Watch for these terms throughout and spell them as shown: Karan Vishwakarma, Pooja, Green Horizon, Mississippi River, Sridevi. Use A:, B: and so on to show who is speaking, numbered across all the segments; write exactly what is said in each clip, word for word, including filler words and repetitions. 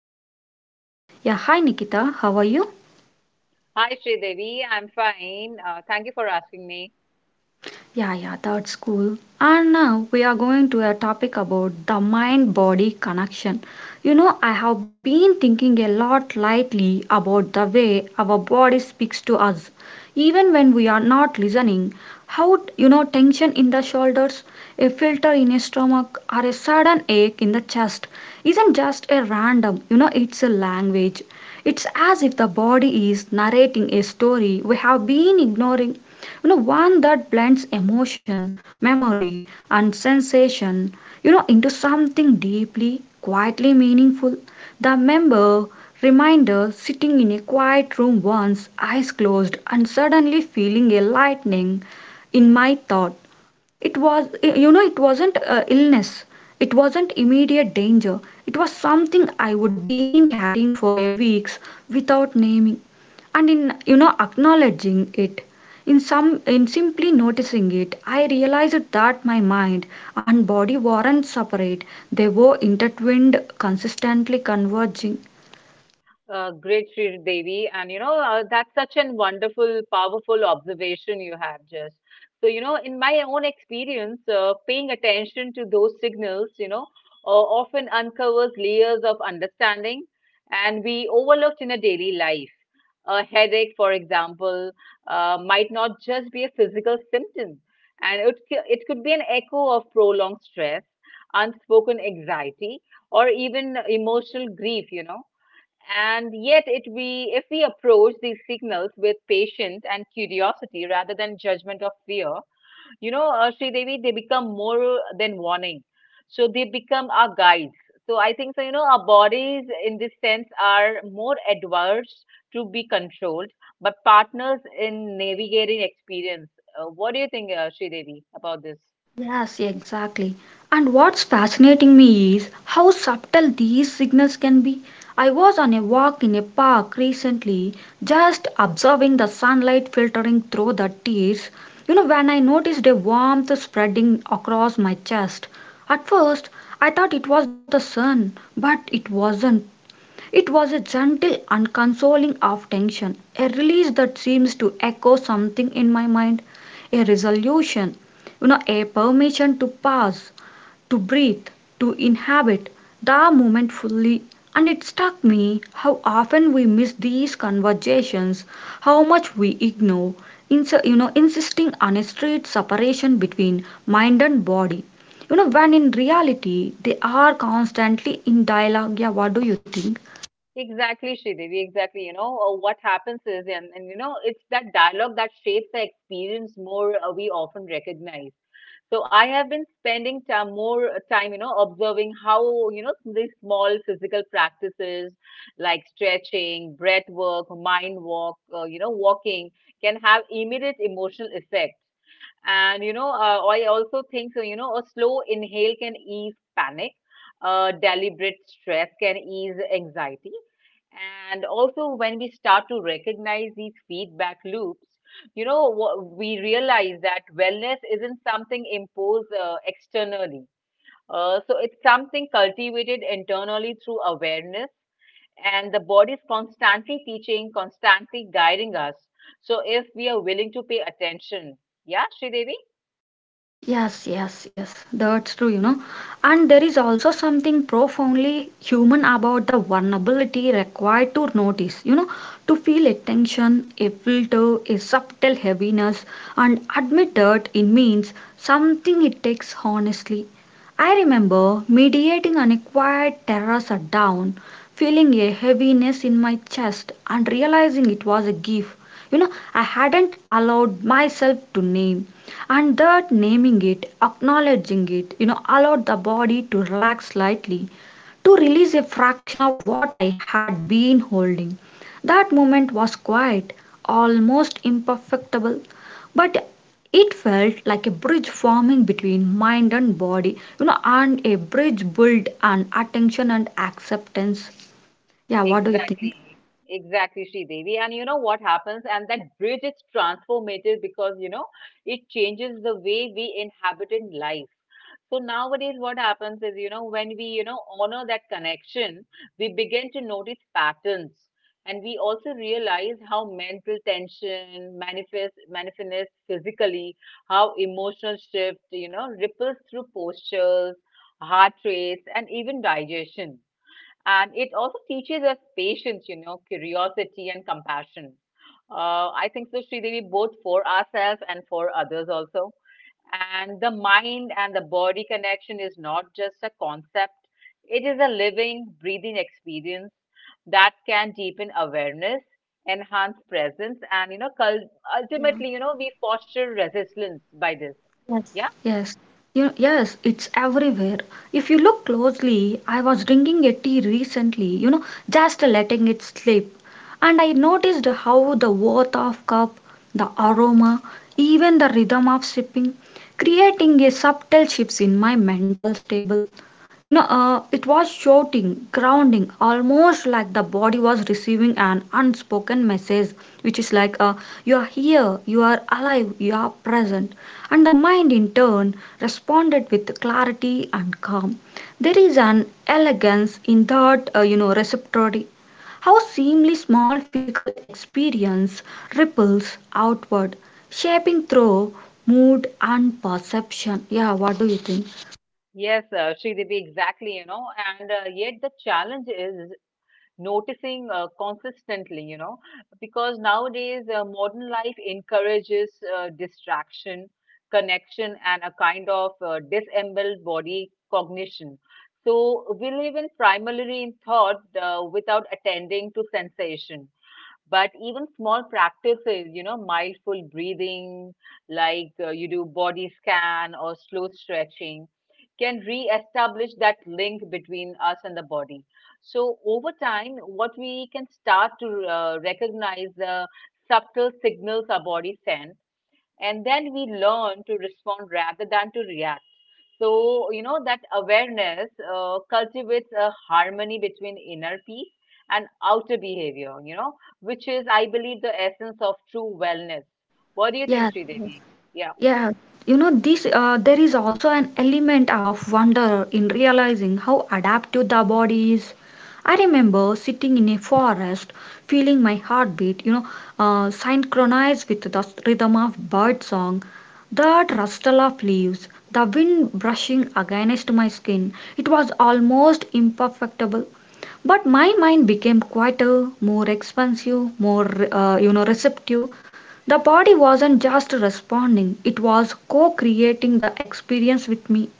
A: co-host Nikita. Yeah, hi Nikita, how are you?
B: Hi, Sridevi. I'm fine. Uh, thank you for asking me.
A: Yeah, yeah, that's cool. And now we are going to a topic about the mind body connection. You know, I have been thinking a lot lately about the way our body speaks to us, even when we are not listening. How, you know, tension in the shoulders, a filter in a stomach, or a sudden ache in the chest isn't just a random, you know, it's a language. It's as if the body is narrating a story we have been ignoring, you know, one that blends emotion, memory, and sensation, you know, into something deeply, quietly meaningful. The member reminder sitting in a quiet room once, eyes closed, and suddenly feeling a lightning in my thought. It was, you know, it wasn't uh, illness. It wasn't immediate danger. It was something I would been carrying for a weeks without naming, and in, you know, acknowledging it. In some, in simply noticing it, I realized that my mind and body weren't separate. They were intertwined, consistently converging.
B: Uh, great, Sri Devi. And you know, uh, that's such an wonderful, powerful observation you have just. So, you know, in my own experience, uh, paying attention to those signals, you know, uh, often uncovers layers of understanding and we overlooked in a daily life. A headache, for example, uh, might not just be a physical symptom, and it, c- it could be an echo of prolonged stress, unspoken anxiety, or even emotional grief, you know. And yet, it we if we approach these signals with patience and curiosity rather than judgment of fear, you know, uh, Sri Devi, they become more than warning. So they become our guides. So I think so. You know, our bodies in this sense are more adverse to be controlled, but partners in navigating experience. Uh, what do you think, uh, Sri Devi, about this?
A: Yes, exactly. And what's fascinating me is how subtle these signals can be. I was on a walk in a park recently, just observing the sunlight filtering through the trees. You know, when I noticed a warmth spreading across my chest. At first, I thought it was the sun, but it wasn't. It was a gentle unconsoling of tension, a release that seems to echo something in my mind, a resolution, you know, a permission to pause, to breathe, to inhabit the moment fully. And it struck me how often we miss these conversations, how much we ignore, ins- you know, insisting on a strict separation between mind and body. You know, when in reality they are constantly in dialogue. Yeah, what do you think?
B: Exactly, Sridevi. Exactly. You know, uh, what happens is, and, and you know, it's that dialogue that shapes the experience more uh, we often recognize. So I have been spending time, more uh, time, you know, observing how, you know, these small physical practices like stretching, breath work, mind walk, uh, you know, walking can have immediate emotional effect. And, you know, uh, I also think so, you know, a slow inhale can ease panic. Uh, deliberate stress can ease anxiety, and also, when we start to recognize these feedback loops, you know, wha- we realize that wellness isn't something imposed uh, externally. Uh, so it's something cultivated internally through awareness, and the body is constantly teaching, constantly guiding us. So if we are willing to pay attention, yeah, Sridevi?
A: Yes, yes, yes. That's true, you know. And there is also something profoundly human about the vulnerability required to notice, you know, to feel a tension, a filter, a subtle heaviness, and admit that it means something it takes honestly. I remember mediating on a quiet terrace at dawn, feeling a heaviness in my chest and realizing it was a gift. You know, I hadn't allowed myself to name, and that naming it, acknowledging it, you know, allowed the body to relax slightly, to release a fraction of what I had been holding. That moment was quiet, almost imperfectible, but it felt like a bridge forming between mind and body, you know, and a bridge built on attention and acceptance. Yeah, what do you think?
B: Exactly, exactly, Devi. And you know what happens? And that bridge is transformative because, you know, it changes the way we inhabit in life. So nowadays, what happens is, you know, when we, you know, honor that connection, we begin to notice patterns. And we also realize how mental tension manifests, manifests physically, how emotional shift, you know, ripples through postures, heart rates, and even digestion. And it also teaches us patience, you know, curiosity and compassion. Uh, I think so, Sridevi, both for ourselves and for others also. And the mind and the body connection is not just a concept, it is a living, breathing experience that can deepen awareness, enhance presence, and, you know, cul- ultimately, you know, we foster resilience by this. Yeah.
A: Yes, you yes, it's everywhere. If you look closely, I was drinking a tea recently, you know, just letting it slip, and I noticed how the warmth of cup, the aroma, even the rhythm of sipping, creating a subtle shifts in my mental stable. You know, uh, it was shouting, grounding, almost like the body was receiving an unspoken message, which is like, uh, you are here, you are alive, you are present, and the mind in turn responded with clarity and calm. There is an elegance in that, uh, you know, receptivity. How seemingly small physical experience ripples outward, shaping through mood and perception. Yeah, what do you think?
B: Yes, uh, Sridevi, exactly, you know, and uh, yet the challenge is noticing uh, consistently, you know, because nowadays uh, modern life encourages uh, distraction, connection, and a kind of uh, disembodied body cognition. So we live in primarily in thought uh, without attending to sensation. But even small practices, you know, mindful breathing, like uh, you do body scan or slow stretching, can re-establish that link between us and the body. So over time, what we can start to uh, recognize the subtle signals our body sends, and then we learn to respond rather than to react. So, you know, that awareness uh, cultivates a harmony between inner peace and outer behavior, you know, which is, I believe, the essence of true wellness. What do you think,
A: Yeah.
B: Sridevi? Yeah,
A: Yeah, you know, this uh, there is also an element of wonder in realizing how adaptive the body is. I remember sitting in a forest, feeling my heartbeat, you know, uh, synchronized with the rhythm of bird song, that rustle of leaves, the wind brushing against my skin. It was almost imperfectible. But my mind became quieter, more expansive, more, uh, you know, receptive. The body wasn't just responding, it was co creating the experience with me.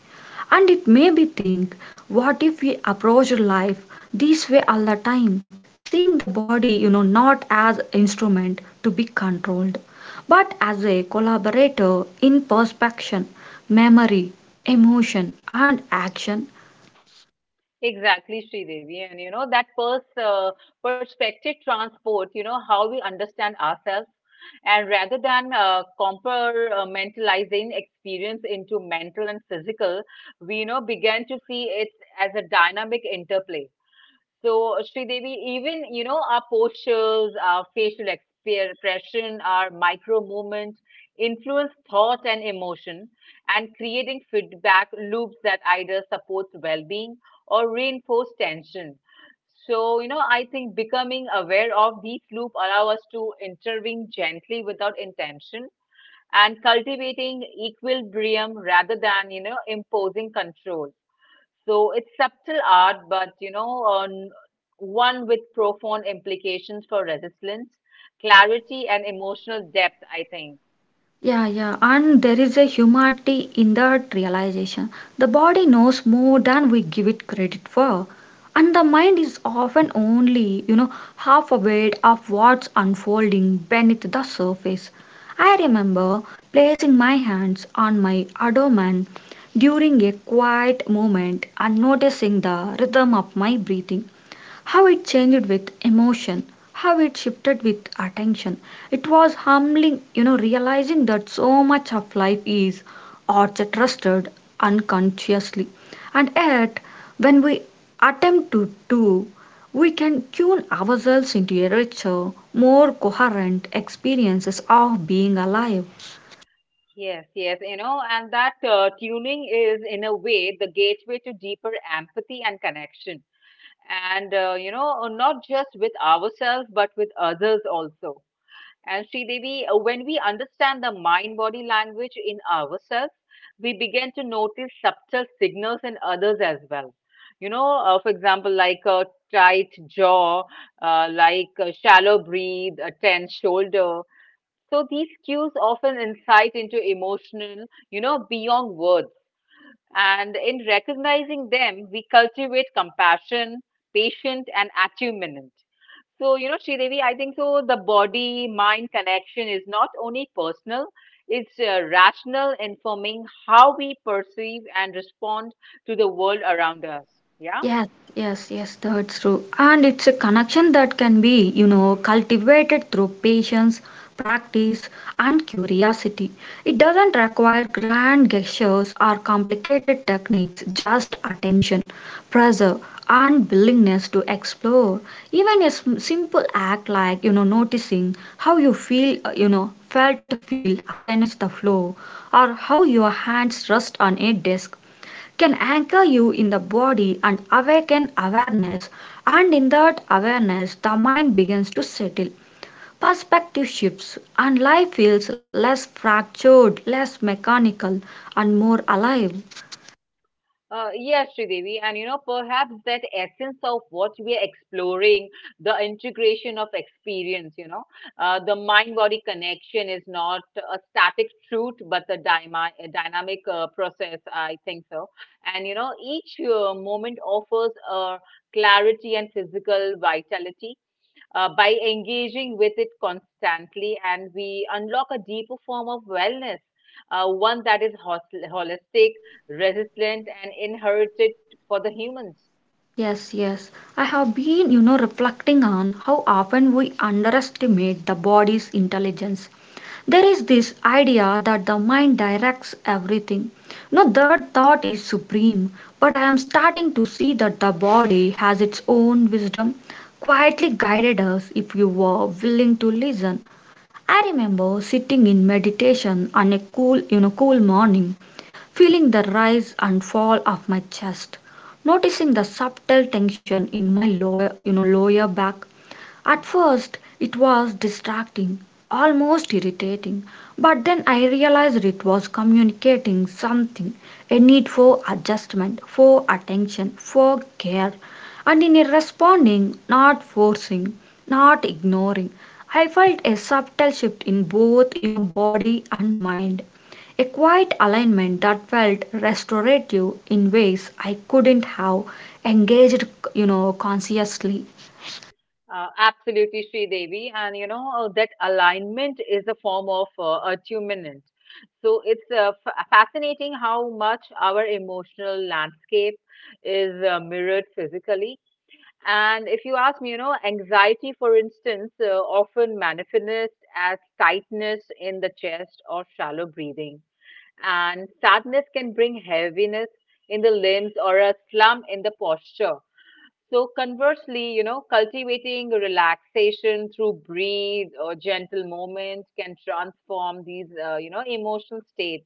A: And it made me think, what if we approach life this way all the time? Seeing the body, you know, not as instrument to be controlled, but as a collaborator in perception, memory, emotion, and action.
B: exactly, Sridevi. And, you know, that pers uh, perspective transport, you know, how we understand ourselves. And rather than uh, compartmentalizing experience into mental and physical, we, you know, began to see it as a dynamic interplay. So, Sridevi, even you know our postures, our facial expression, our micro movements influence thought and emotion, and creating feedback loops that either supports well-being or reinforce tension. So, you know, I think becoming aware of these loops allow us to intervene gently without intention and cultivating equilibrium rather than you know imposing control. So it's subtle art, but you know, on one with profound implications for resilience, clarity, and emotional depth, I think.
A: Yeah, yeah, and there is a humanity in that realization. The body knows more than we give it credit for, and the mind is often only, you know, half aware of what's unfolding beneath the surface. I remember placing my hands on my abdomen during a quiet moment and noticing the rhythm of my breathing, how it changed with emotion, how it shifted with attention. It was humbling, you know, realizing that so much of life is orchestrated unconsciously. And yet, when we attempt to do, we can tune ourselves into a richer, more coherent experiences of being alive.
B: Yes, yes, you know, and that uh, tuning is in a way the gateway to deeper empathy and connection. And, uh, you know, not just with ourselves, but with others also. And Sridevi, uh, when we understand the mind body language in ourselves, we begin to notice subtle signals in others as well. You know, uh, for example, like a tight jaw, uh, like a shallow breathe, a tense shoulder. So these cues often insight into emotional, you know, beyond words. And in recognizing them, we cultivate compassion, patience, and attunement. So, you know, Sridevi, I think so the body mind connection is not only personal, it's uh, rational, informing how we perceive and respond to the world around us. Yeah.
A: Yes, yes, yes, that's true. And it's a connection that can be, you know, cultivated through patience, practice, and curiosity. It doesn't require grand gestures or complicated techniques, just attention, pressure, and willingness to explore. Even a sm- simple act like, you know, noticing how you feel, uh, you know, felt feel against the floor, or how your hands rest on a desk can anchor you in the body and awaken awareness, and in that awareness, the mind begins to settle. Perspective shifts, and life feels less fractured, less mechanical, and more alive.
B: Uh, yes, Sridevi, and you know, perhaps that essence of what we are exploring, the integration of experience, you know, uh, the mind-body connection is not a static truth, but a, dyma- a dynamic uh, process, I think so. And you know, each uh, moment offers uh, clarity and physical vitality, uh, by engaging with it constantly and we unlock a deeper form of wellness, uh, one that is hos- holistic, resilient and inherited for the humans.
A: Yes, yes. I have been, you know, reflecting on how often we underestimate the body's intelligence. There is this idea that the mind directs everything. No, that thought is supreme, but I am starting to see that the body has its own wisdom, quietly guided us if you were willing to listen. I remember sitting in meditation on a cool, you know, cool morning, feeling the rise and fall of my chest, noticing the subtle tension in my lower, you know, lower back. At first it was distracting, almost irritating, but then I realized it was communicating something, a need for adjustment, for attention, for care. And in responding, not forcing, not ignoring, I felt a subtle shift in both, you know, body and mind. A quiet alignment that felt restorative in ways I couldn't have engaged, you know, consciously.
B: Uh, absolutely, Sri Devi, and you know uh, that alignment is a form of uh, attunement. So it's uh, f- fascinating how much our emotional landscape is uh, mirrored physically. And if you ask me, you know, anxiety, for instance, uh, often manifests as tightness in the chest or shallow breathing. And sadness can bring heaviness in the limbs or a slump in the posture. So, conversely, you know, cultivating relaxation through breathe or gentle movement can transform these, uh, you know, emotional states.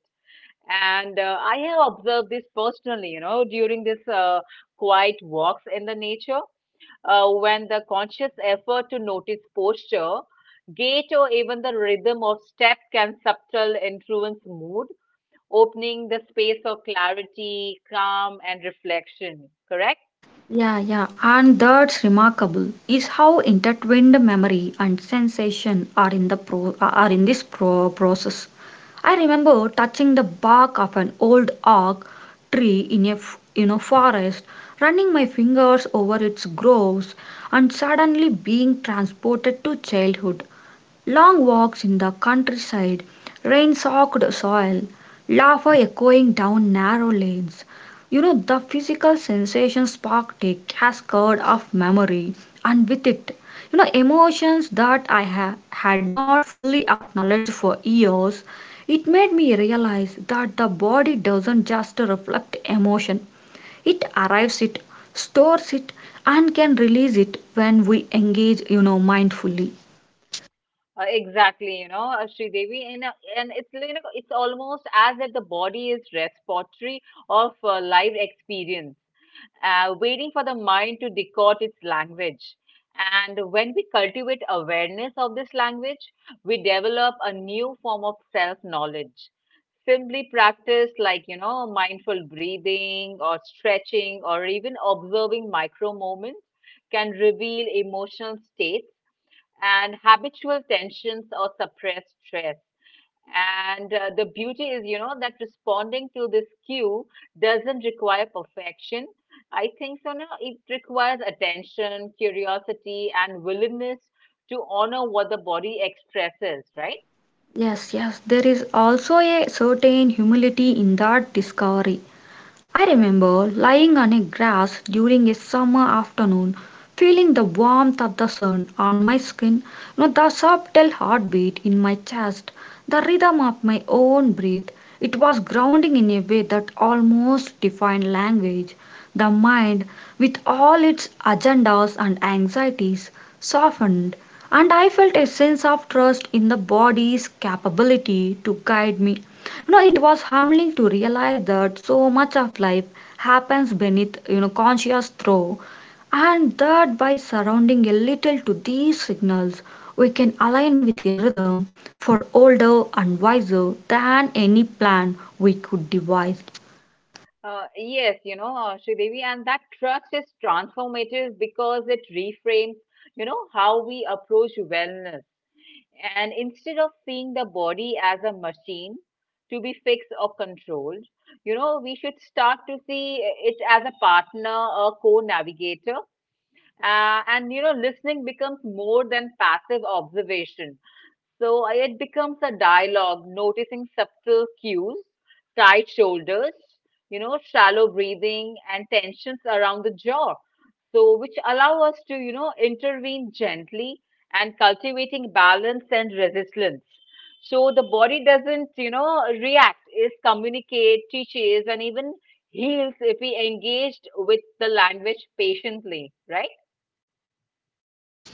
B: And uh, I have observed this personally, you know, during this uh, quiet walks in the nature, uh, when the conscious effort to notice posture, gait, or even the rhythm of step can subtle influence mood, opening the space of clarity, calm, and reflection. Correct?
A: Yeah, yeah, and that's remarkable is how intertwined memory and sensation are in the pro uh, are in this pro process. I remember touching the bark of an old oak tree in a f- you know forest, running my fingers over its groves, and suddenly being transported to childhood. Long walks in the countryside, rain soaked soil, laughter echoing down narrow lanes. You know, the physical sensation sparked a cascade of memory, and with it, you know, emotions that I ha- had not fully acknowledged for years. It made me realize that the body doesn't just reflect emotion, it arrives it, stores it, and can release it when we engage, you know, mindfully.
B: Uh, exactly, you know, uh, Devi, and uh, and it's you know, it's almost as if the body is repository of uh, live experience, uh, waiting for the mind to decode its language. And when we cultivate awareness of this language, we develop a new form of self-knowledge. Simply practice like you know, mindful breathing or stretching or even observing micro moments can reveal emotional states and habitual tensions or suppressed stress. And uh, the beauty is, you know, that responding to this cue doesn't require perfection. I think so. No, it requires attention, curiosity, and willingness to honor what the body expresses, right?
A: Yes, yes, there is also a certain humility in that discovery. I remember lying on a grass during a summer afternoon, feeling the warmth of the sun on my skin, no, the subtle heartbeat in my chest, the rhythm of my own breath. It was grounding in a way that almost defined language. The mind, with all its agendas and anxieties, softened, and I felt a sense of trust in the body's capability to guide me. You know, it was humbling to realize that so much of life happens beneath, you know, conscious throw, and that by surrounding a little to these signals we can align with a rhythm for older and wiser than any plan we could devise.
B: Uh, yes, you know, uh, Sridevi, and that trust is transformative because it reframes, you know, how we approach wellness. And instead of seeing the body as a machine to be fixed or controlled, you know, we should start to see it as a partner, a co navigator. Uh, and, you know, listening becomes more than passive observation. So I- it becomes a dialogue, noticing subtle cues, tight shoulders, you know, shallow breathing, and tensions around the jaw. So, which allow us to, you know, intervene gently and cultivating balance and resilience. So the body doesn't, you know, react, is communicate, teaches, and even heals if we engaged with the language patiently, right?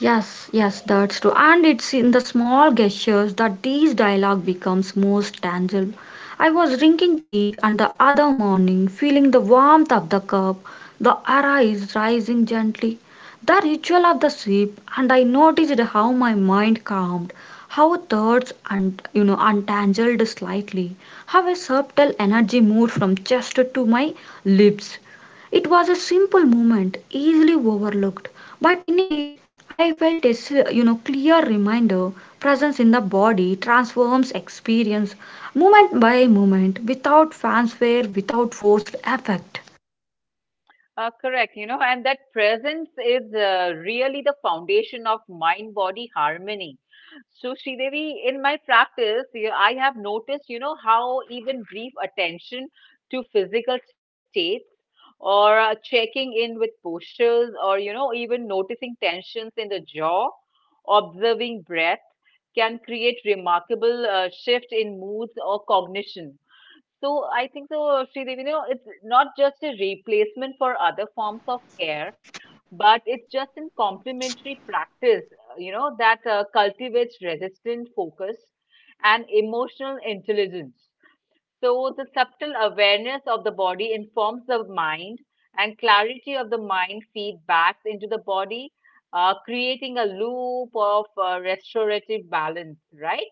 A: Yes, yes, that's true. And it's in the small gestures that these dialogue becomes most tangible. I was drinking tea and the other morning, feeling the warmth of the cup, the aura is rising gently. The ritual of the sip, and I noticed how my mind calmed, how thoughts and, you know, untangled slightly, how a subtle energy moved from chest to my lips. It was a simple moment, easily overlooked, but in it I felt this, you know, clear reminder presence in the body transforms experience moment by moment without fanfare, without forced effect.
B: Uh, correct, you know, and that presence is uh, really the foundation of mind body harmony. So, Sridevi, in my practice, you- I have noticed, you know, how even brief attention to physical states or uh, checking in with postures or, you know, even noticing tensions in the jaw, observing breath can create remarkable uh, shift in moods or cognition. So I think so, Sridevi, you know, it's not just a replacement for other forms of care, but it's just in complementary practice, uh, you know, that uh, cultivates resistant focus and emotional intelligence. So the subtle awareness of the body informs the mind, and clarity of the mind feedbacks into the body, uh, creating a loop of uh, restorative balance, right?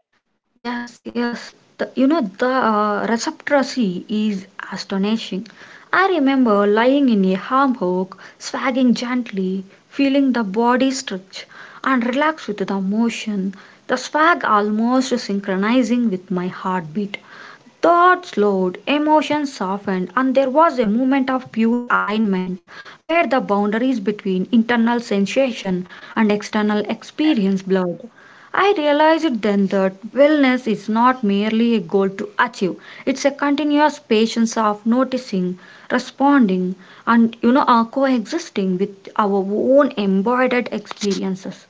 A: Yes, yes. The, you know, the uh, receptracy is astonishing. I remember lying in a hammock, swagging gently, feeling the body stretch and relax with the motion, the swag almost synchronizing with my heartbeat. Thoughts slowed, emotions softened, and there was a moment of pure alignment where the boundaries between internal sensation and external experience blurred. I realized then that wellness is not merely a goal to achieve, it's a continuous patience of noticing, responding, and, you know, uh, coexisting with our own embodied experiences.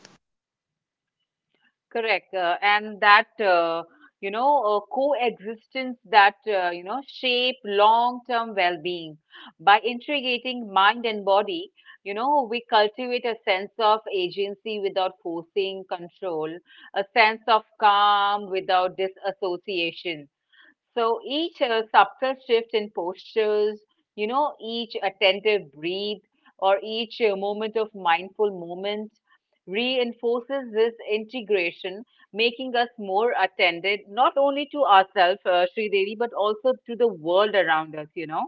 B: Correct. Uh, and that, uh, you know, uh, coexistence that, uh, you know, shape long-term well-being. By integrating mind and body, you know, we cultivate a sense of agency without forcing control, a sense of calm without disassociation, so each uh, subtle shift in postures, you know, each attentive breathe or each uh, moment of mindful moment reinforces this integration, making us more attended not only to ourselves, uh, Sri Devi, but also to the world around us, you know.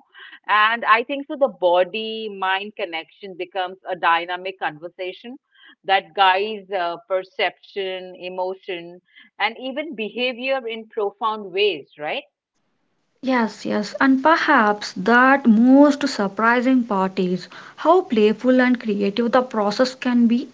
B: And I think so the body mind connection becomes a dynamic conversation that guides uh, perception, emotion, and even behavior in profound ways, right?
A: Yes, yes, and perhaps that most surprising part is how playful and creative the process can be.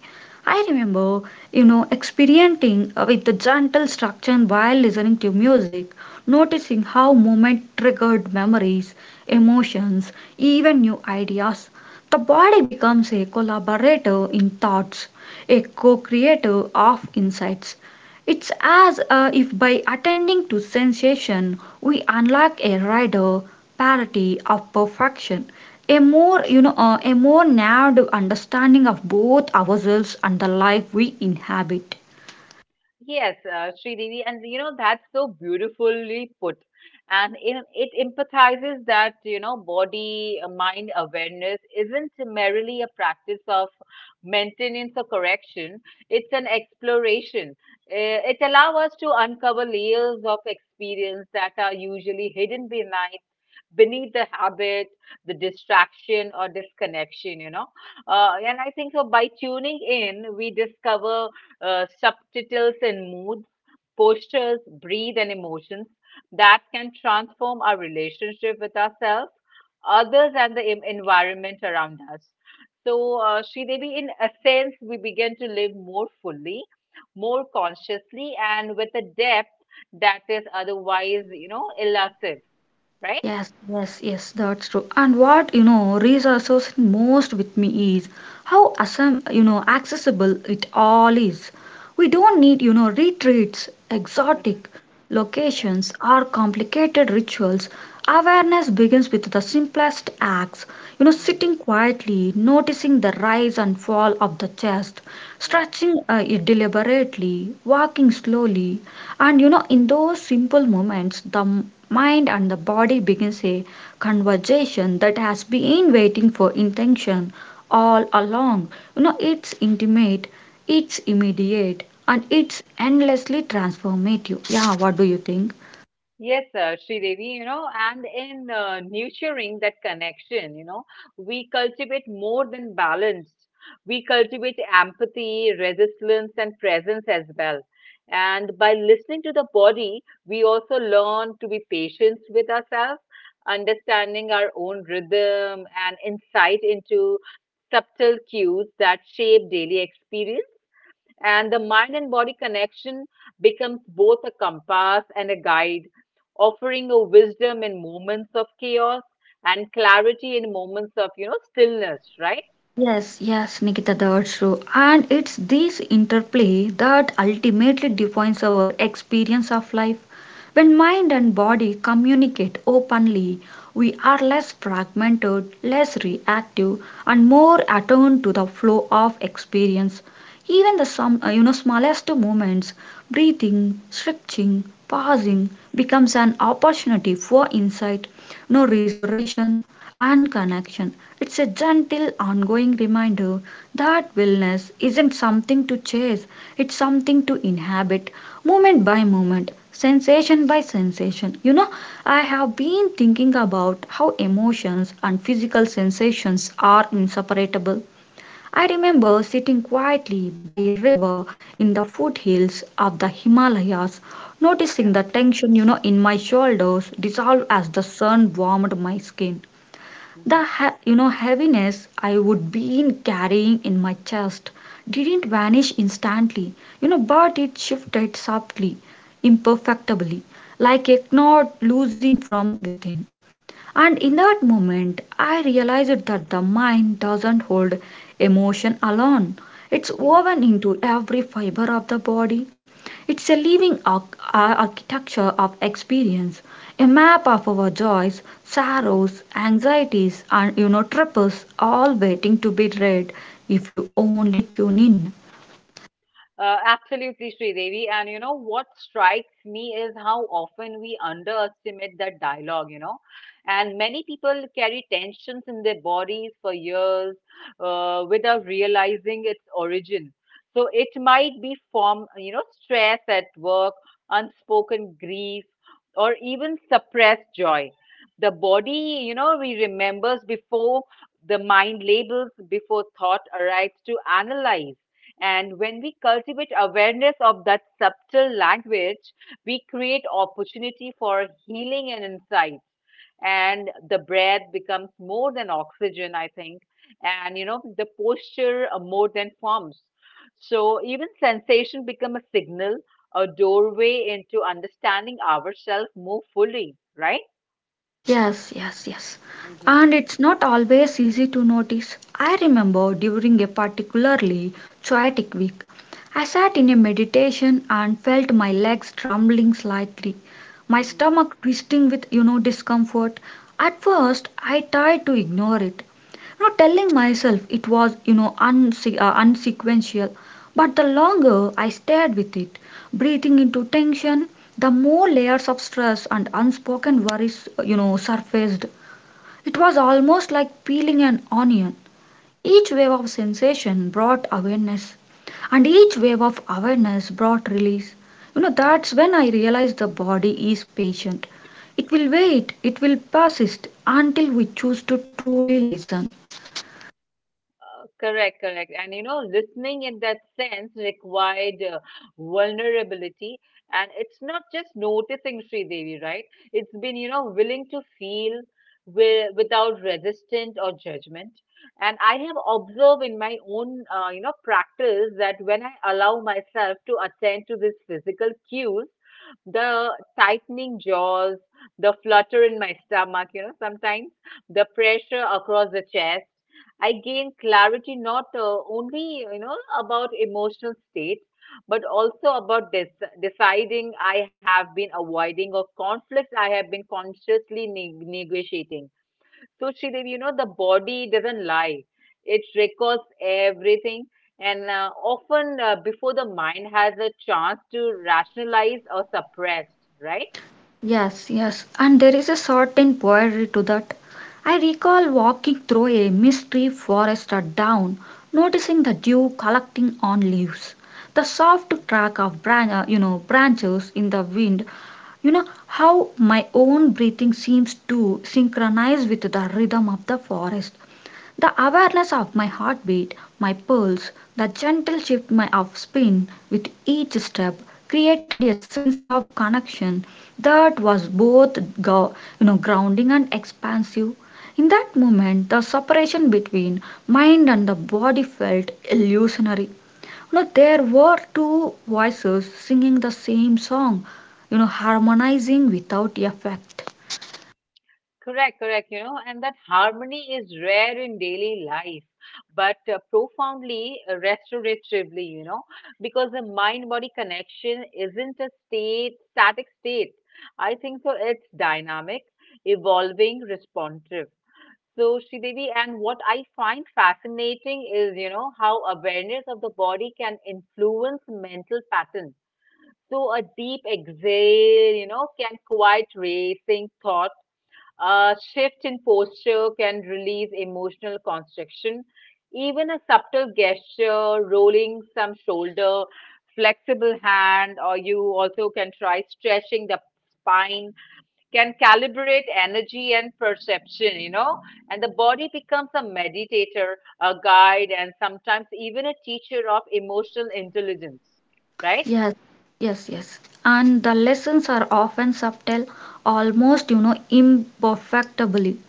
A: I remember, you know, experimenting with the gentle structure while listening to music, noticing how movement triggered memories, emotions, even new ideas. The body becomes a collaborator in thoughts, a co creator of insights. It's as uh, if by attending to sensation, we unlock a rider parity of perfection, a more you know uh, a more narrowed understanding of both ourselves and the life we inhabit.
B: Yes, uh, Sridevi, and you know that's so beautifully put, and it, it empathizes that you know body uh, mind awareness isn't merely a practice of maintenance or correction. It's an exploration. Uh, it allows us to uncover layers of experience that are usually hidden behind beneath the habit, the distraction or disconnection, you know. Uh, and I think so by tuning in, we discover uh, subtitles and moods, postures, breathe, and emotions that can transform our relationship with ourselves, others, and the em- environment around us. So, uh, Sri Devi, in a sense, we begin to live more fully, more consciously, and with a depth that is otherwise, you know, elusive, right?
A: Yes, yes, yes, that's true. And what you know resources most with me is how assam you know accessible it all is. We don't need you know retreats,
B: Mm-hmm.
A: exotic
B: Yes.
A: locations, or complicated rituals. Awareness begins with the simplest acts. You know,
B: Hmm.
A: sitting quietly, noticing the rise and fall of the chest,
B: Yes.
A: stretching uh, deliberately, walking slowly, and you know, in those simple moments, the m- mind and the body begins a conversation that has been waiting for intention all along. You know, it's intimate, it's immediate, and it's endlessly transformative. Yeah, what do you think?
B: Yes, uh, Sridevi, you know, and in uh, nurturing that connection, you know, we cultivate more than balance. We cultivate empathy, resilience, and presence as well. And by listening to the body, we also learn to be patient with ourselves, understanding our own rhythm and insight into subtle cues that shape daily experience. And the mind and body connection becomes both a compass and a guide, offering a wisdom in moments of chaos and clarity in moments of, you know, stillness, right?
A: Yes, yes, Nikita, that's true. And it's this interplay that ultimately defines our experience of life. When mind and body communicate openly, we are less fragmented, less reactive, and more attuned to the flow of experience. Even the some, uh, you know, smallest moments breathing, stretching,
B: Mhm.
A: pausing, becomes an opportunity for insight, no reservation, and connection. It's a gentle, ongoing reminder that wellness isn't something to chase, it's something to inhabit, moment by moment, sensation by sensation. You know, I have been thinking about how emotions and physical sensations are inseparable. I remember sitting quietly by a river in the foothills of the Himalayas,
B: Okay.
A: noticing the tension, you know, in my shoulders dissolve as the sun warmed my skin. The
B: Mhm.
A: ha- you know heaviness I would been carrying in my chest didn't vanish instantly, you know, but it shifted softly, imperfectly, like a knot loosening from within. And in
B: Mhm.
A: that moment, I
B: Mhm.
A: realized that the mind doesn't hold emotion alone. It's
B: Mhm.
A: woven into every fiber of the body. It's a living ar- ar- architecture of experience, a map of our joys,
B: Mhm.
A: sorrows, anxieties, and you know, troubles, all waiting to be read if you only tune in.
B: Uh, absolutely, Sridevi. And you know what strikes me is how often we underestimate that dialogue, you know. And many people carry tensions in their bodies for years uh, without realizing its origin. So it might be from, you know, stress at work, unspoken grief, or even suppressed joy. The body, you know, we remembers before the mind labels, before thought arrives to analyze. And when we cultivate awareness of that subtle language, we create opportunity for healing and insight. And the breath becomes more than oxygen, I think. And you know, the posture uh, more than forms. So even sensation become a signal, a doorway into understanding ourselves more fully, right?
A: Yes, yes, yes.
B: Mm-hmm.
A: And it's not always easy to notice. I remember during a particularly chaotic week, I sat in a meditation and felt my legs trembling slightly, my
B: Mm-hmm.
A: stomach twisting with, you know, discomfort. At first, I tried to ignore it, you know, telling myself it was, you know, unse- uh, unsequential. But the longer I stayed with it, breathing into tension, the more layers of stress and unspoken worries, you know, surfaced. It was almost like peeling an onion. Each wave of sensation brought awareness, and each wave of awareness brought release. You know,
B: Mm-hmm.
A: that's when I realized the body is patient. It will wait, it will persist until we choose to truly listen.
B: Correct, correct. And you know, listening in that sense required uh, vulnerability. And it's not just noticing Devi, right? It's been, you know, willing to feel wi- without resistance or judgment. And I have observed in my own, uh, you know, practice that when I allow myself to attend to these physical cues, the tightening jaws, the flutter in my stomach, you know, sometimes the pressure across the chest. I gain clarity not uh, only, you know, about emotional state, but also about this deciding I have been avoiding or conflicts I have been consciously neg- negotiating. So Sridevi, you know, the body doesn't lie. It records everything. And uh, often uh, before the mind has a chance to rationalize or suppress, right?
A: Yes, yes, and there is a certain poetry to that. I recall walking through a misty forest at dawn, noticing the dew collecting on leaves, the soft crack of bran- uh, you know branches in the wind. You know how my own breathing seems to synchronize with the rhythm of the forest. The awareness of my heartbeat, my pulse, the gentle shift my of spin with each step created a sense of connection that was both go, you know grounding and expansive. In that moment, the separation between mind and the body felt illusionary. You know, there were two voices singing the same song, you know, harmonizing without effect.
B: Correct, correct, you know, and that harmony is rare in daily life, but uh, profoundly uh, restoratively, you know, because the mind body connection isn't a state, static state. I think so, it's dynamic, evolving, responsive. So, Sridevi, and what I find fascinating is, you know, how awareness of the body can influence mental patterns. So, a deep exhale, you know, can quiet racing thoughts. A shift in posture can release emotional constriction. Even a subtle gesture, rolling some shoulder, flexible hand, or you also can try stretching the spine can calibrate energy and perception, you know, and the body becomes a meditator, a guide, and sometimes even a teacher of emotional intelligence, right?
A: Yes, yes, yes. And the lessons are often subtle, almost, you know, imperfectibly.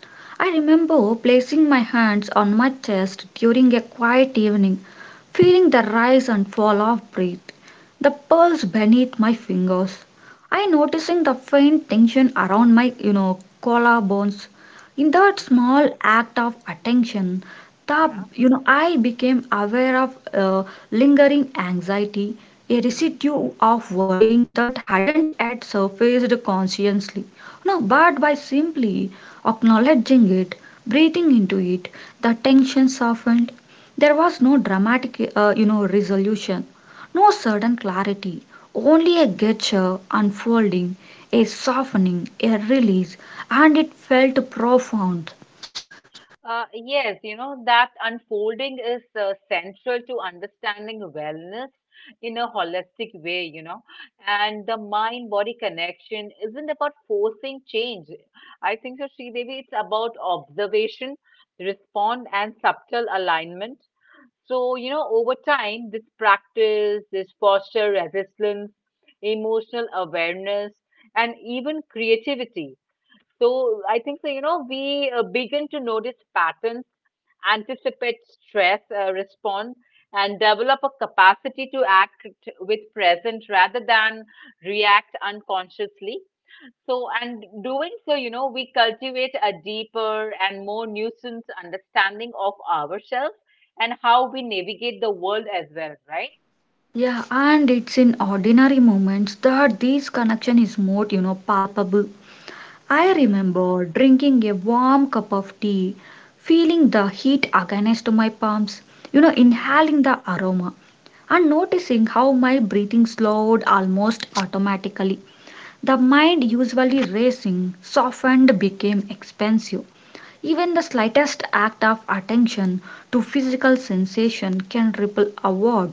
A: I remember placing my hands on my chest during a quiet evening, feeling the rise and fall of breath, the pulse beneath my fingers. I noticing the faint tension around my, you know, collarbones. In that
B: Mhm,
A: small act of
B: mhm.
A: attention, the
B: Yeah.
A: you know I became aware of uh, lingering anxiety, a
B: Mhm.
A: residue of worrying that hadn't yet surfaced consciously. No, but by simply acknowledging it, breathing into it, the tension softened. There was no dramatic uh, you know resolution, no sudden clarity, only a gesture unfolding, a softening, a release, and it felt profound.
B: Uh, yes, you know, that unfolding is uh, central to understanding wellness in a holistic way, you know. And the mind body connection isn't about forcing change. I think so, Sri Devi. It's about observation, respond, and subtle alignment. So, you know, over time, this practice, this posture, resistance, emotional awareness, and even creativity. So I think so, you know, we uh, begin to notice patterns, anticipate stress uh, response, and develop a capacity to act with present rather than react unconsciously. So, and doing so, you know, we cultivate a deeper and more nuanced understanding of ourselves and how we navigate the world as well, right?
A: Yeah, and it's in ordinary moments that this connection is more, you know, palpable. I
B: Mm-hmm.
A: remember drinking a warm cup of tea, feeling the heat against my palms, you know,
B: Mm-hmm.
A: inhaling the aroma, and noticing how my breathing slowed almost automatically. The mind, usually racing, softened, became expansive. Even the slightest act of attention to physical sensation can ripple outward,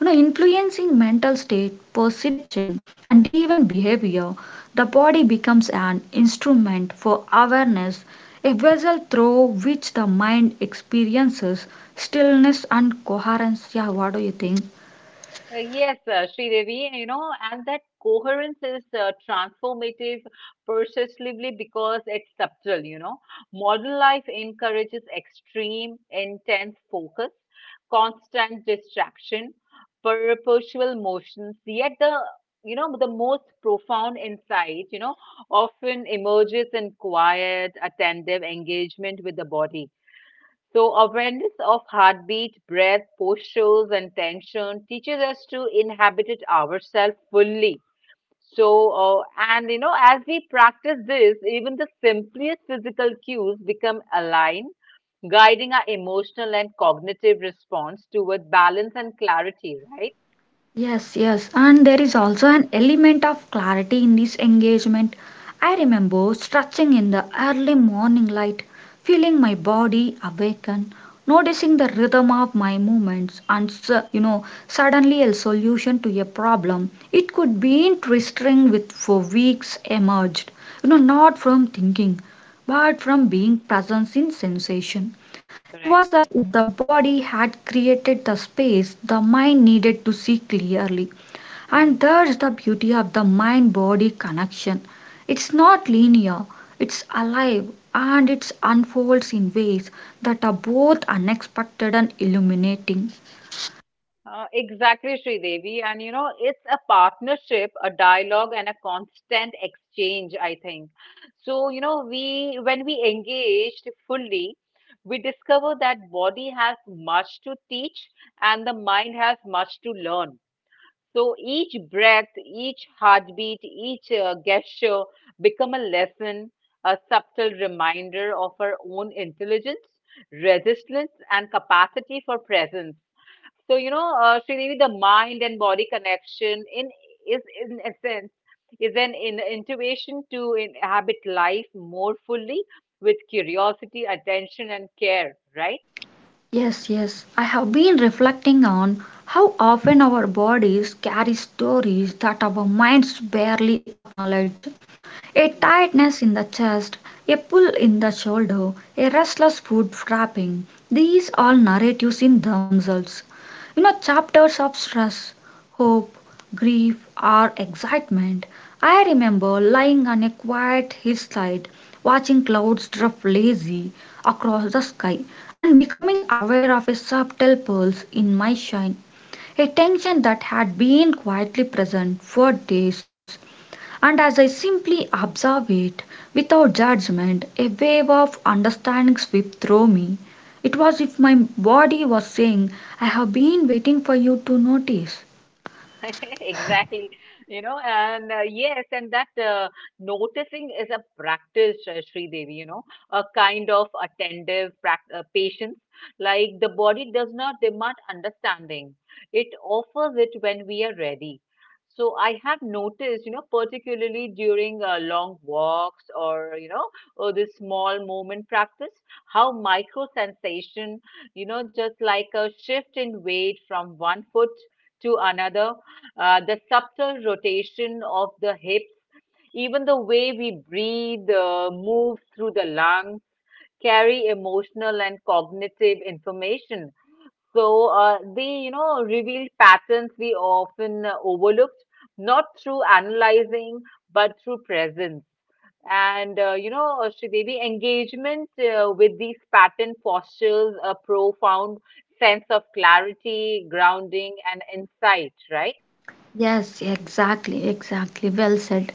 A: you know, influencing mental state, perception, and even behavior. The body becomes an instrument for awareness, a vessel through which the mind experiences stillness and coherence. Yeah, what do you think?
B: Uh, Yes, uh, Sridevi, you know, and that coherence is uh, transformative persistently because it's subtle, you know. Modern life encourages extreme, intense focus, constant distraction, perpetual motions, yet the you know the most profound insight you know often emerges in quiet attentive engagement with the body so, awareness of heartbeat, breath, postures, and tension teaches us to inhabit it ourselves fully. So, uh, and you know, as we practice this, even the simplest physical cues become aligned, guiding our emotional and cognitive response toward balance and clarity, right?
A: Yes, yes, and there is
B: Yeah,
A: also an element of clarity in this engagement. I remember stretching in the early morning light, feeling my body awaken, noticing the rhythm of my movements, and s- you know, suddenly a solution to a problem. It could be interesting with for weeks emerged, you know, not from thinking, but from
B: Mhm.
A: being present in sensation. It
B: Correct.
A: was as if the body had created the space the mind needed to see clearly. And
B: Mhm.
A: there's the beauty of the mind body connection. It's not linear, it's alive, and it unfolds in ways that are both unexpected and illuminating.
B: Uh, exactly, Sridevi. And you know, it's a partnership, a dialogue, and a constant exchange, I think. So, you know, we when we engaged fully, we discover that body has much to teach and the mind has much to learn. So each breath, each heartbeat, each uh, gesture become a lesson, a subtle reminder of our own intelligence, resilience, and capacity for presence. So, you know, uh, Sridevi, the mind and body connection in is in essence is an in intuition to inhabit life more fully with curiosity, attention, and care, right?
A: Yes, yes, I have been reflecting on how often our bodies carry stories that our minds barely acknowledge. A
B: Mm-hmm.
A: tightness in the chest, a pull in the shoulder, a restless foot wrapping these all narratives in themselves. You know, chapters of stress, hope, grief, or excitement. I remember lying on a quiet hillside, watching clouds drift lazy across the sky, and becoming aware of a subtle pulse in my shine, a tension that had been quietly present for days. And as I simply observe it, without judgment, a wave of understanding swept through me. It was if my body was saying, I have been waiting for you to notice.
B: Exactly, you know, and uh, yes, and that uh, noticing is a practice, uh, Sri Devi. You know, a kind of attentive prac- uh, patience. Like the body does not demand understanding, it offers it when we are ready. So I have noticed, you know, particularly during uh, long walks or, you know, or this small moment practice, how micro sensation, you know, just like a shift in weight from one foot to another uh, the subtle rotation of the hips, even the way we breathe, uh, move through the lungs, carry emotional and cognitive information. So uh, they, you know, reveal patterns we often uh, overlooked, not through analyzing, but through presence. And, uh, you know, uh, Sridevi, engagement uh, with these pattern fosters a profound sense of clarity, grounding, and insight, right? Mm-hmm.
A: Yes, exactly, exactly. Well said.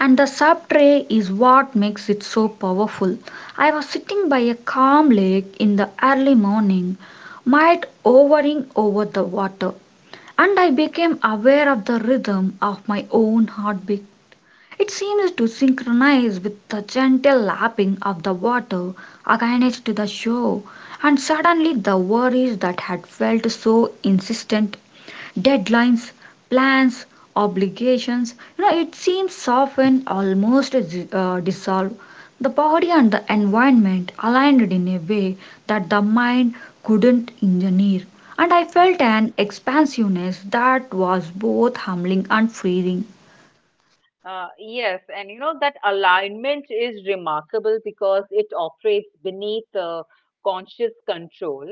A: And the subtray is what makes it so powerful. I was sitting by a calm lake in the early morning, might hovering over the water, and I became aware of the rhythm of my own heartbeat. It seems to synchronize with the gentle lapping of the water against the shore, and suddenly the worries that had felt so insistent deadlines, plans, obligations you know, it seems soften, almost uh, dissolve. The body and the environment aligned in a way that the mind couldn't engineer, and I felt an expansiveness that was both humbling and freeing.
B: Uh, yes, and you know that alignment is remarkable because it operates beneath uh, conscious control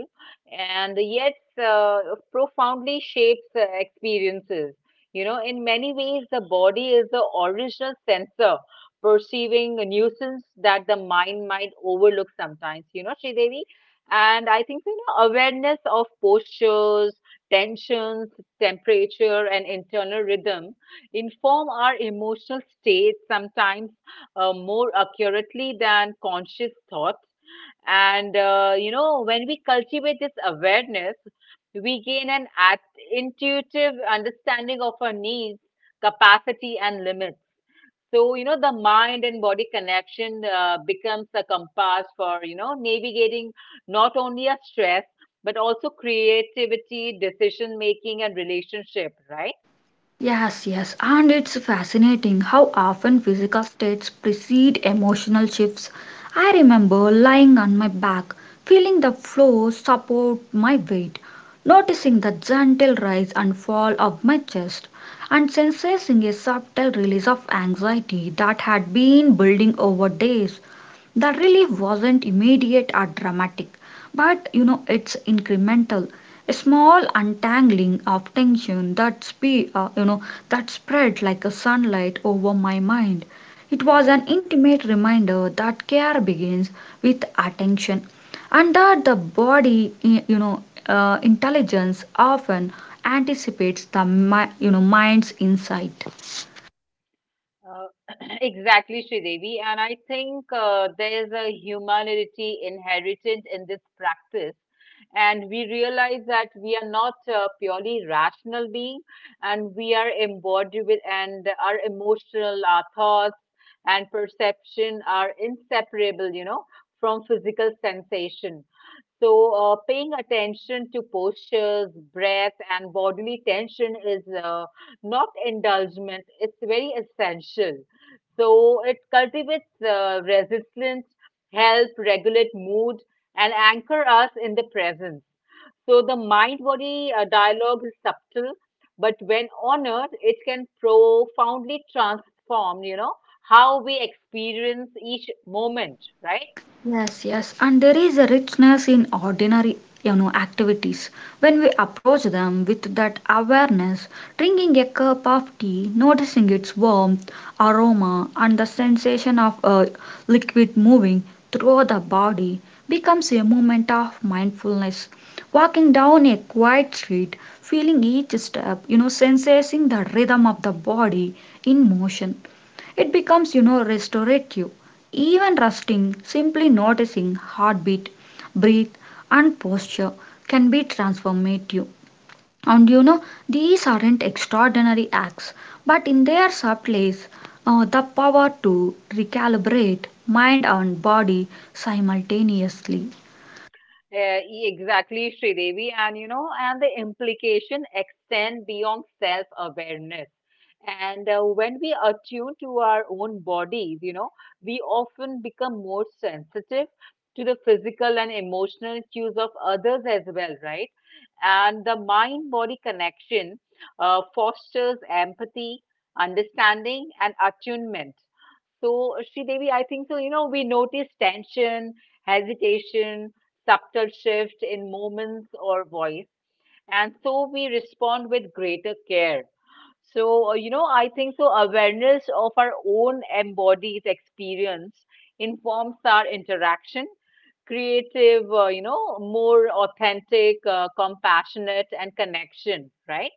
B: and yet uh, profoundly shapes uh, experiences. You know, in many ways, the body is the original sensor perceiving a nuisance that the mind might overlook sometimes, you know, Sridevi. And I think, you know, awareness of postures, tensions, temperature, and internal rhythm inform our emotional state sometimes uh, more accurately than conscious thoughts. And uh, you know, when we cultivate this awareness, we gain an at- intuitive understanding of our needs, capacity, and limits. So you know, the mind and body connection uh, becomes a compass for you know navigating not only a stress but also creativity, decision making, and relationship. Right?
A: Yes, yes, and it's fascinating how often physical states precede emotional shifts. I remember lying on my back, feeling the floor support my weight, noticing the gentle rise and fall of my chest, and sensing a subtle release of anxiety that had been building over days. The relief wasn't immediate or dramatic, but you know, it's incremental, a small untangling of tension that spe- uh, you know that spread like a sunlight over my mind. It was
B: Mm-hmm.
A: an intimate reminder that care begins with attention, and that the body i- you know uh, intelligence often anticipates the mi- you know mind's insight.
B: Uh, exactly, Sridevi. And I think uh, there is a humanity inherent in this practice. And we realize that we are not uh, purely rational being, and we are embodied with, and our emotional, our thoughts, and perception are inseparable, you know, from physical sensation. So, uh, paying attention to postures, breath, and bodily tension is uh, not indulgent, it's very essential. So, it cultivates uh, resilience, help regulate mood, and anchor us in the present. So, the mind body uh, dialogue is subtle, but when honored, it can profoundly transform, you know, how we experience each moment, right?
A: Yes, yes, and there is a richness in ordinary, you know, activities. When we approach them with that awareness, drinking a cup of tea, noticing its warmth, aroma, and the sensation of a liquid moving through the body becomes a moment of mindfulness. Walking down a quiet street, feeling each step, you know, sensing the rhythm of the body in motion, it becomes, you know, restorative. Even resting, simply noticing heartbeat, breathe, and posture can be transformative. And you know, these aren't extraordinary acts, but in their subtleties, uh, the power to recalibrate mind and body simultaneously.
B: Uh, e- exactly, Sridevi. And you know, and the implication extend beyond self-awareness. And uh, when we attune to our own bodies, you know, we often become more sensitive to the physical and emotional cues of others as well, right? And the mind-body connection uh, fosters empathy, understanding, and attunement. So, uh, Devi, I think so. You know, we notice tension, hesitation, subtle shift in moments or voice, and so we respond with greater care. So, uh, you know, I think so. Awareness of our own embodied experience informs our interaction, creative, uh, you know, more authentic, uh, compassionate, and connection, right?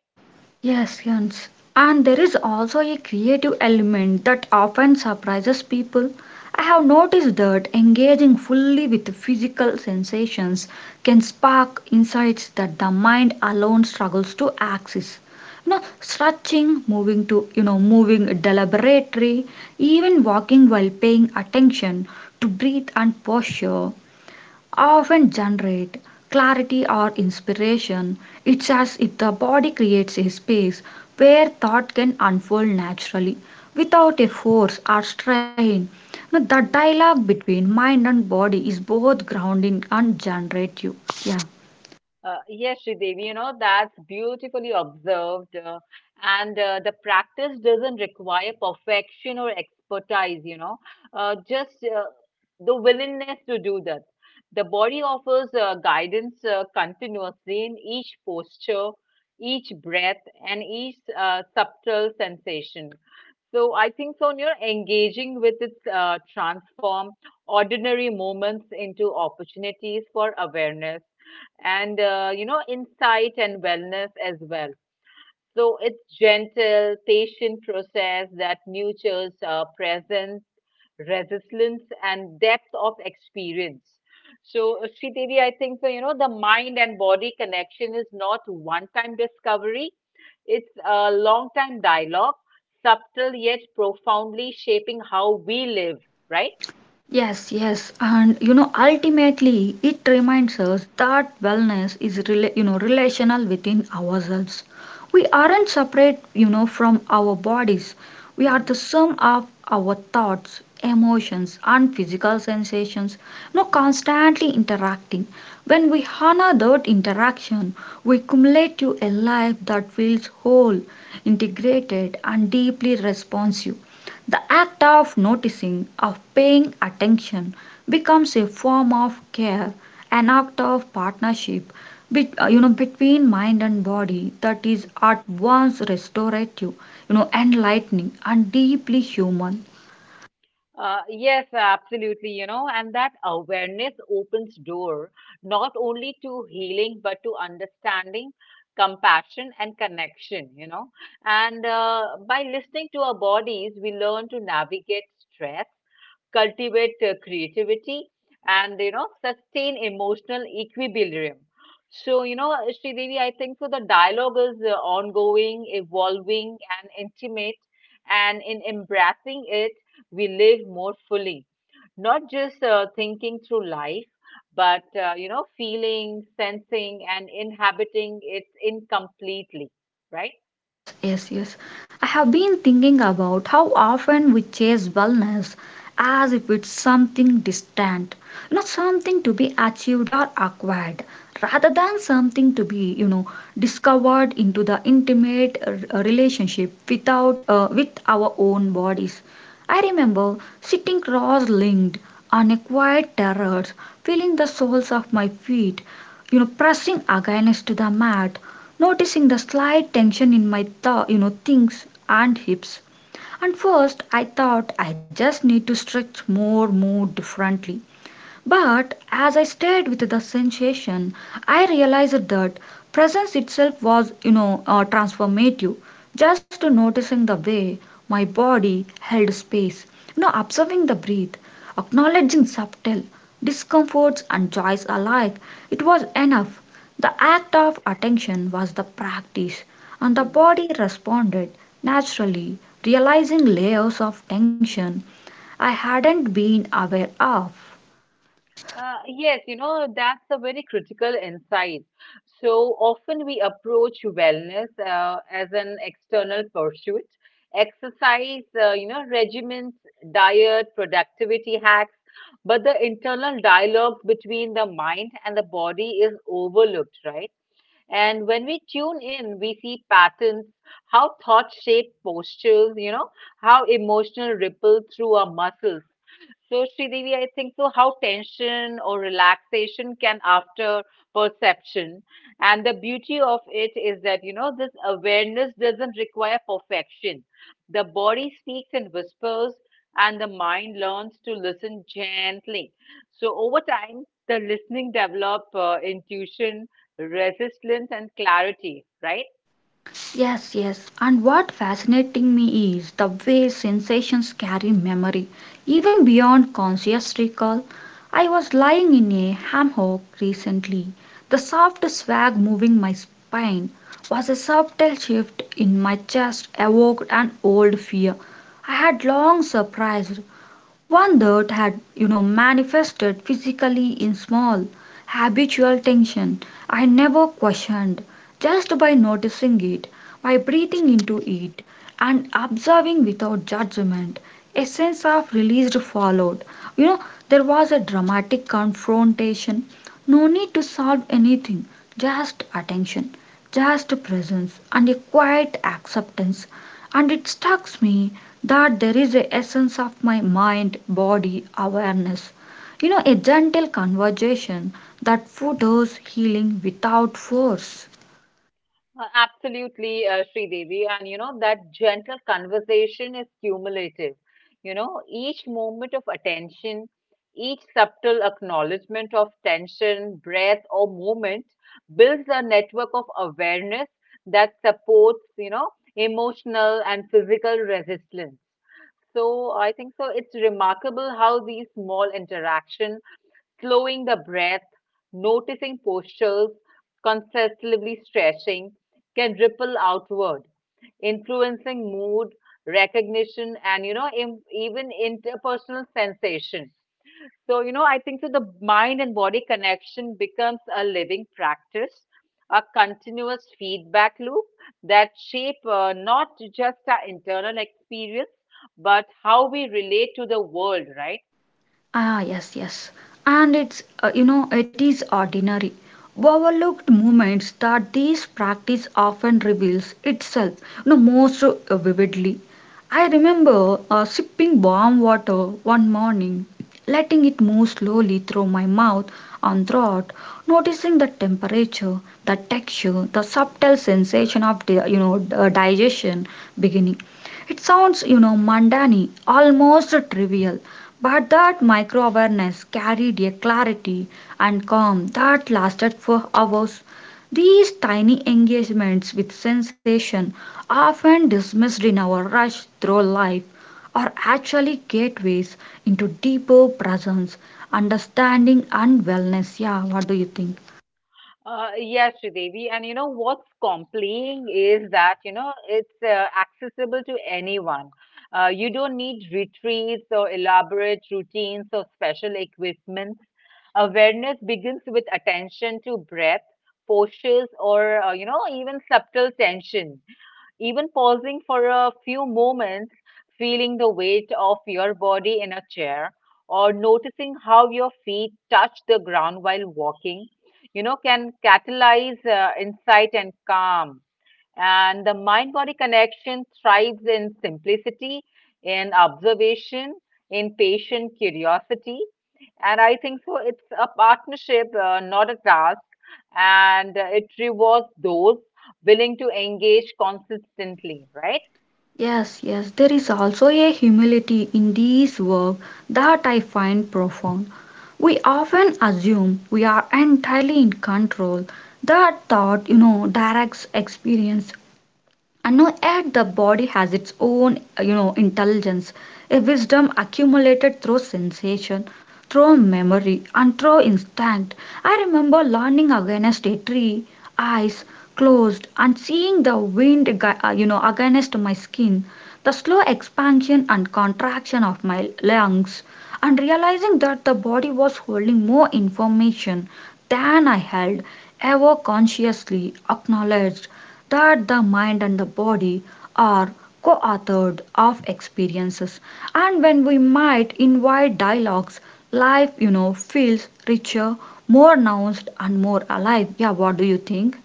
A: Yes, yes. And there is also a creative element that often surprises people. I have noticed that engaging fully with physical sensations can spark insights that the mind alone struggles to access. You know, stretching, moving to, you know, moving deliberately, even walking while paying attention to breathe and posture often generate clarity or inspiration. It's as if the body creates a space where thought can unfold naturally without a force or strain. Now, the
B: Mm-hmm.
A: dialogue between mind and body is both grounding and generative. Yeah.
B: Uh, yes, Sridevi, you know, that's beautifully observed. Uh, and uh, the practice doesn't require perfection or expertise, you know, uh, just uh, the willingness to do that. The body offers uh, guidance uh, continuously in each posture, each breath, and each uh, subtle sensation. So I think, so you're engaging with its uh, transform ordinary moments into opportunities for awareness and uh, you know insight and wellness as well so it's gentle patient process that nurtures uh, presence resilience and depth of experience so uh, Sri Devi, I think so you know the mind and body connection is not one time discovery it's a long time dialogue subtle yet profoundly shaping how we live right.
A: Yes, yes, and you know, ultimately, it reminds us that wellness is rela- you know relational within ourselves. We aren't separate, you know, from our bodies. We are
B: Hmm.
A: the sum of our thoughts, emotions, and physical sensations. You know,
B: Hmm.
A: constantly interacting. When we honor that interaction, we accumulate to a life that feels whole, integrated, and deeply responsive. The act of noticing, of paying attention, becomes a form of care, an act of partnership bet- uh, you know, between mind and body that is at once restorative, you know, enlightening, and deeply human.
B: Uh, yes, absolutely, you know, and that awareness opens door not only to healing but to understanding, compassion, and connection, you know. And uh, by listening to our bodies, we learn to navigate stress, cultivate uh, creativity, and you know sustain emotional equilibrium. So you know, Sridevi, I think so. The dialogue is uh, ongoing, evolving, and intimate, and in embracing it, we live more fully, not just uh, thinking through life. But uh, you know, feeling, sensing, and inhabiting it incompletely, right?
A: Yes, yes, yes. I have been thinking about how often we chase wellness as if it's something distant, you know, something to be achieved or acquired, rather than something to be, you know, discovered into the intimate uh, relationship without uh, with our own bodies. I remember sitting cross-linked on a quiet terrace, feeling the soles of my feet, you know, pressing against the mat, noticing the slight tension in my th- you know things and hips, and first I thought I just need to stretch more, move differently, but as I stared with the sensation, I realized that presence itself was, you know, uh, transformative. Just noticing the way my body held space, you know, observing the breath, acknowledging subtle discomforts and joys alike, it was enough. The act of attention was the practice, and the
B: Mm-hmm.
A: body responded naturally, realizing layers of tension I hadn't been aware of.
B: Uh, yes, you know, that's a very critical insight. So often we approach wellness uh, as an external pursuit. Exercise, uh, you know, regimens, diet, productivity hacks, but the internal dialogue between the mind and the body is overlooked, right? And when we tune in, we see patterns, how thoughts shape postures, you know, how emotional ripple through our muscles so, Sridevi, I think so how tension or relaxation can after perception. And the beauty of it is that, you know, this awareness doesn't require perfection. The body speaks in whispers and the mind learns to listen gently. So, over time, the listening develop uh, intuition, resistance, and clarity, right?
A: Yes, yes. And what fascinating me is the way sensations carry memory, even beyond conscious recall. I was lying in a hammock recently. The soft swag moving my spine was a subtle shift in my chest evoked an old fear I had long surprised. One that had, you know, manifested physically in small, habitual tension I never questioned, just by noticing it, by breathing into it, and observing without judgment. A sense of release followed. You know, there was a dramatic confrontation, no need to solve anything, just attention, just presence, and a quiet acceptance. And it struck me that there is a essence of my mind body awareness, you know a gentle conversation that fosters healing without force.
B: Uh, Absolutely, uh, Devi, And you know, that gentle conversation is cumulative. You know, each moment of attention, each subtle acknowledgement of tension, breath, or movement builds a network of awareness that supports, you know, emotional and physical resistance. So I think so. It's remarkable how these small interaction, slowing the breath, noticing postures, consistently stretching, can ripple outward, influencing mood, recognition, and you know, im- even interpersonal sensation. So, you know, I think that the mind and body connection becomes a living practice, a continuous feedback loop that shape uh, not just our internal experience, but how we relate to the world, right?
A: Ah, yes, yes. And it's, uh, you know, it is ordinary, overlooked moments that this practice often reveals itself, you know, most uh, vividly. I remember uh, sipping warm water one morning, letting it move slowly through my mouth and throat, noticing the temperature, the texture, the subtle sensation of di- you know, uh, digestion beginning. It sounds, you know, mundane, almost trivial, but that micro awareness carried a clarity and calm that lasted for hours. These tiny engagements with sensation, often dismissed in our rush through life, are actually gateways into deeper presence, understanding, and wellness. Yeah, what do you think?
B: Uh, yes, Sridevi. And you know what's compelling is that, you know, it's uh, accessible to anyone. Uh, you don't need retreats or elaborate routines or special equipment. Awareness begins with attention to breath, postures, or, uh, you know, even subtle tension even pausing for a few moments, feeling the weight of your body in a chair, or noticing how your feet touch the ground while walking, you know, can catalyze uh, insight and calm. And the mind body connection thrives in simplicity, in observation, in patient curiosity. And I think so, it's a partnership, uh, not a task and uh, it rewards those willing to engage consistently, right?
A: Yes, yes, there is also a humility in this work that I find profound. We often assume we are entirely in control. That thought, you know, directs experience, and now add the body has its own, uh, you know, intelligence, a wisdom accumulated through sensation, through memory, and through instinct. I remember leaning against a tree, eyes closed, and seeing the wind, ag- uh, you know, against my skin, the slow expansion and contraction of my lungs, and realizing that the body was holding more information than I held ever consciously acknowledged, that the mind and the body are co-authored of experiences, and when we might invite dialogues, life you know feels richer, more nuanced, and more alive. Yeah, what do you think?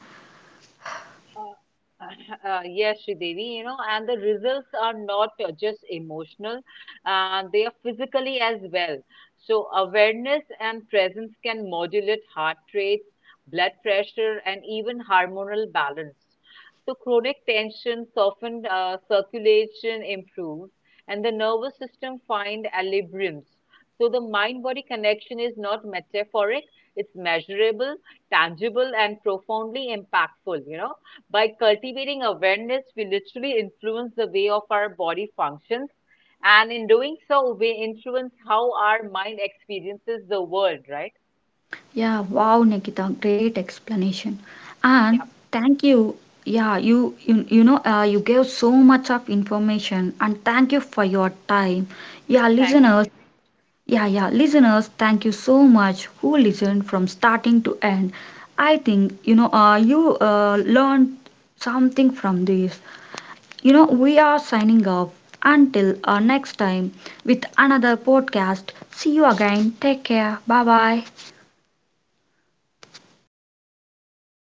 B: Uh, yes, Sridevi, you know, and the results are not uh, just emotional, uh, they are physically as well. So, awareness and presence can modulate heart rates, blood pressure, and even hormonal balance. So, chronic tension soften uh, circulation improves, and the nervous system find equilibriums. So, the mind-body connection is not metaphoric; it's measurable, tangible, and profoundly impactful. You know by cultivating awareness, we literally influence the way of our body functions. And in doing so, we influence how our mind experiences the world, right?
A: Yeah, wow, Nikita, great explanation. And
B: Yeah.
A: thank you. Yeah, you you, you know uh, you gave so much of information, and thank you for your time. Yeah,
B: Thank you,
A: listeners.
B: Shri.
A: Yeah, yeah, listeners, thank you so much who listened from starting to end. I think you know uh, you uh, learned something from this. You know, we are signing off until uh, next time with another podcast. See you again. Take care. Bye bye.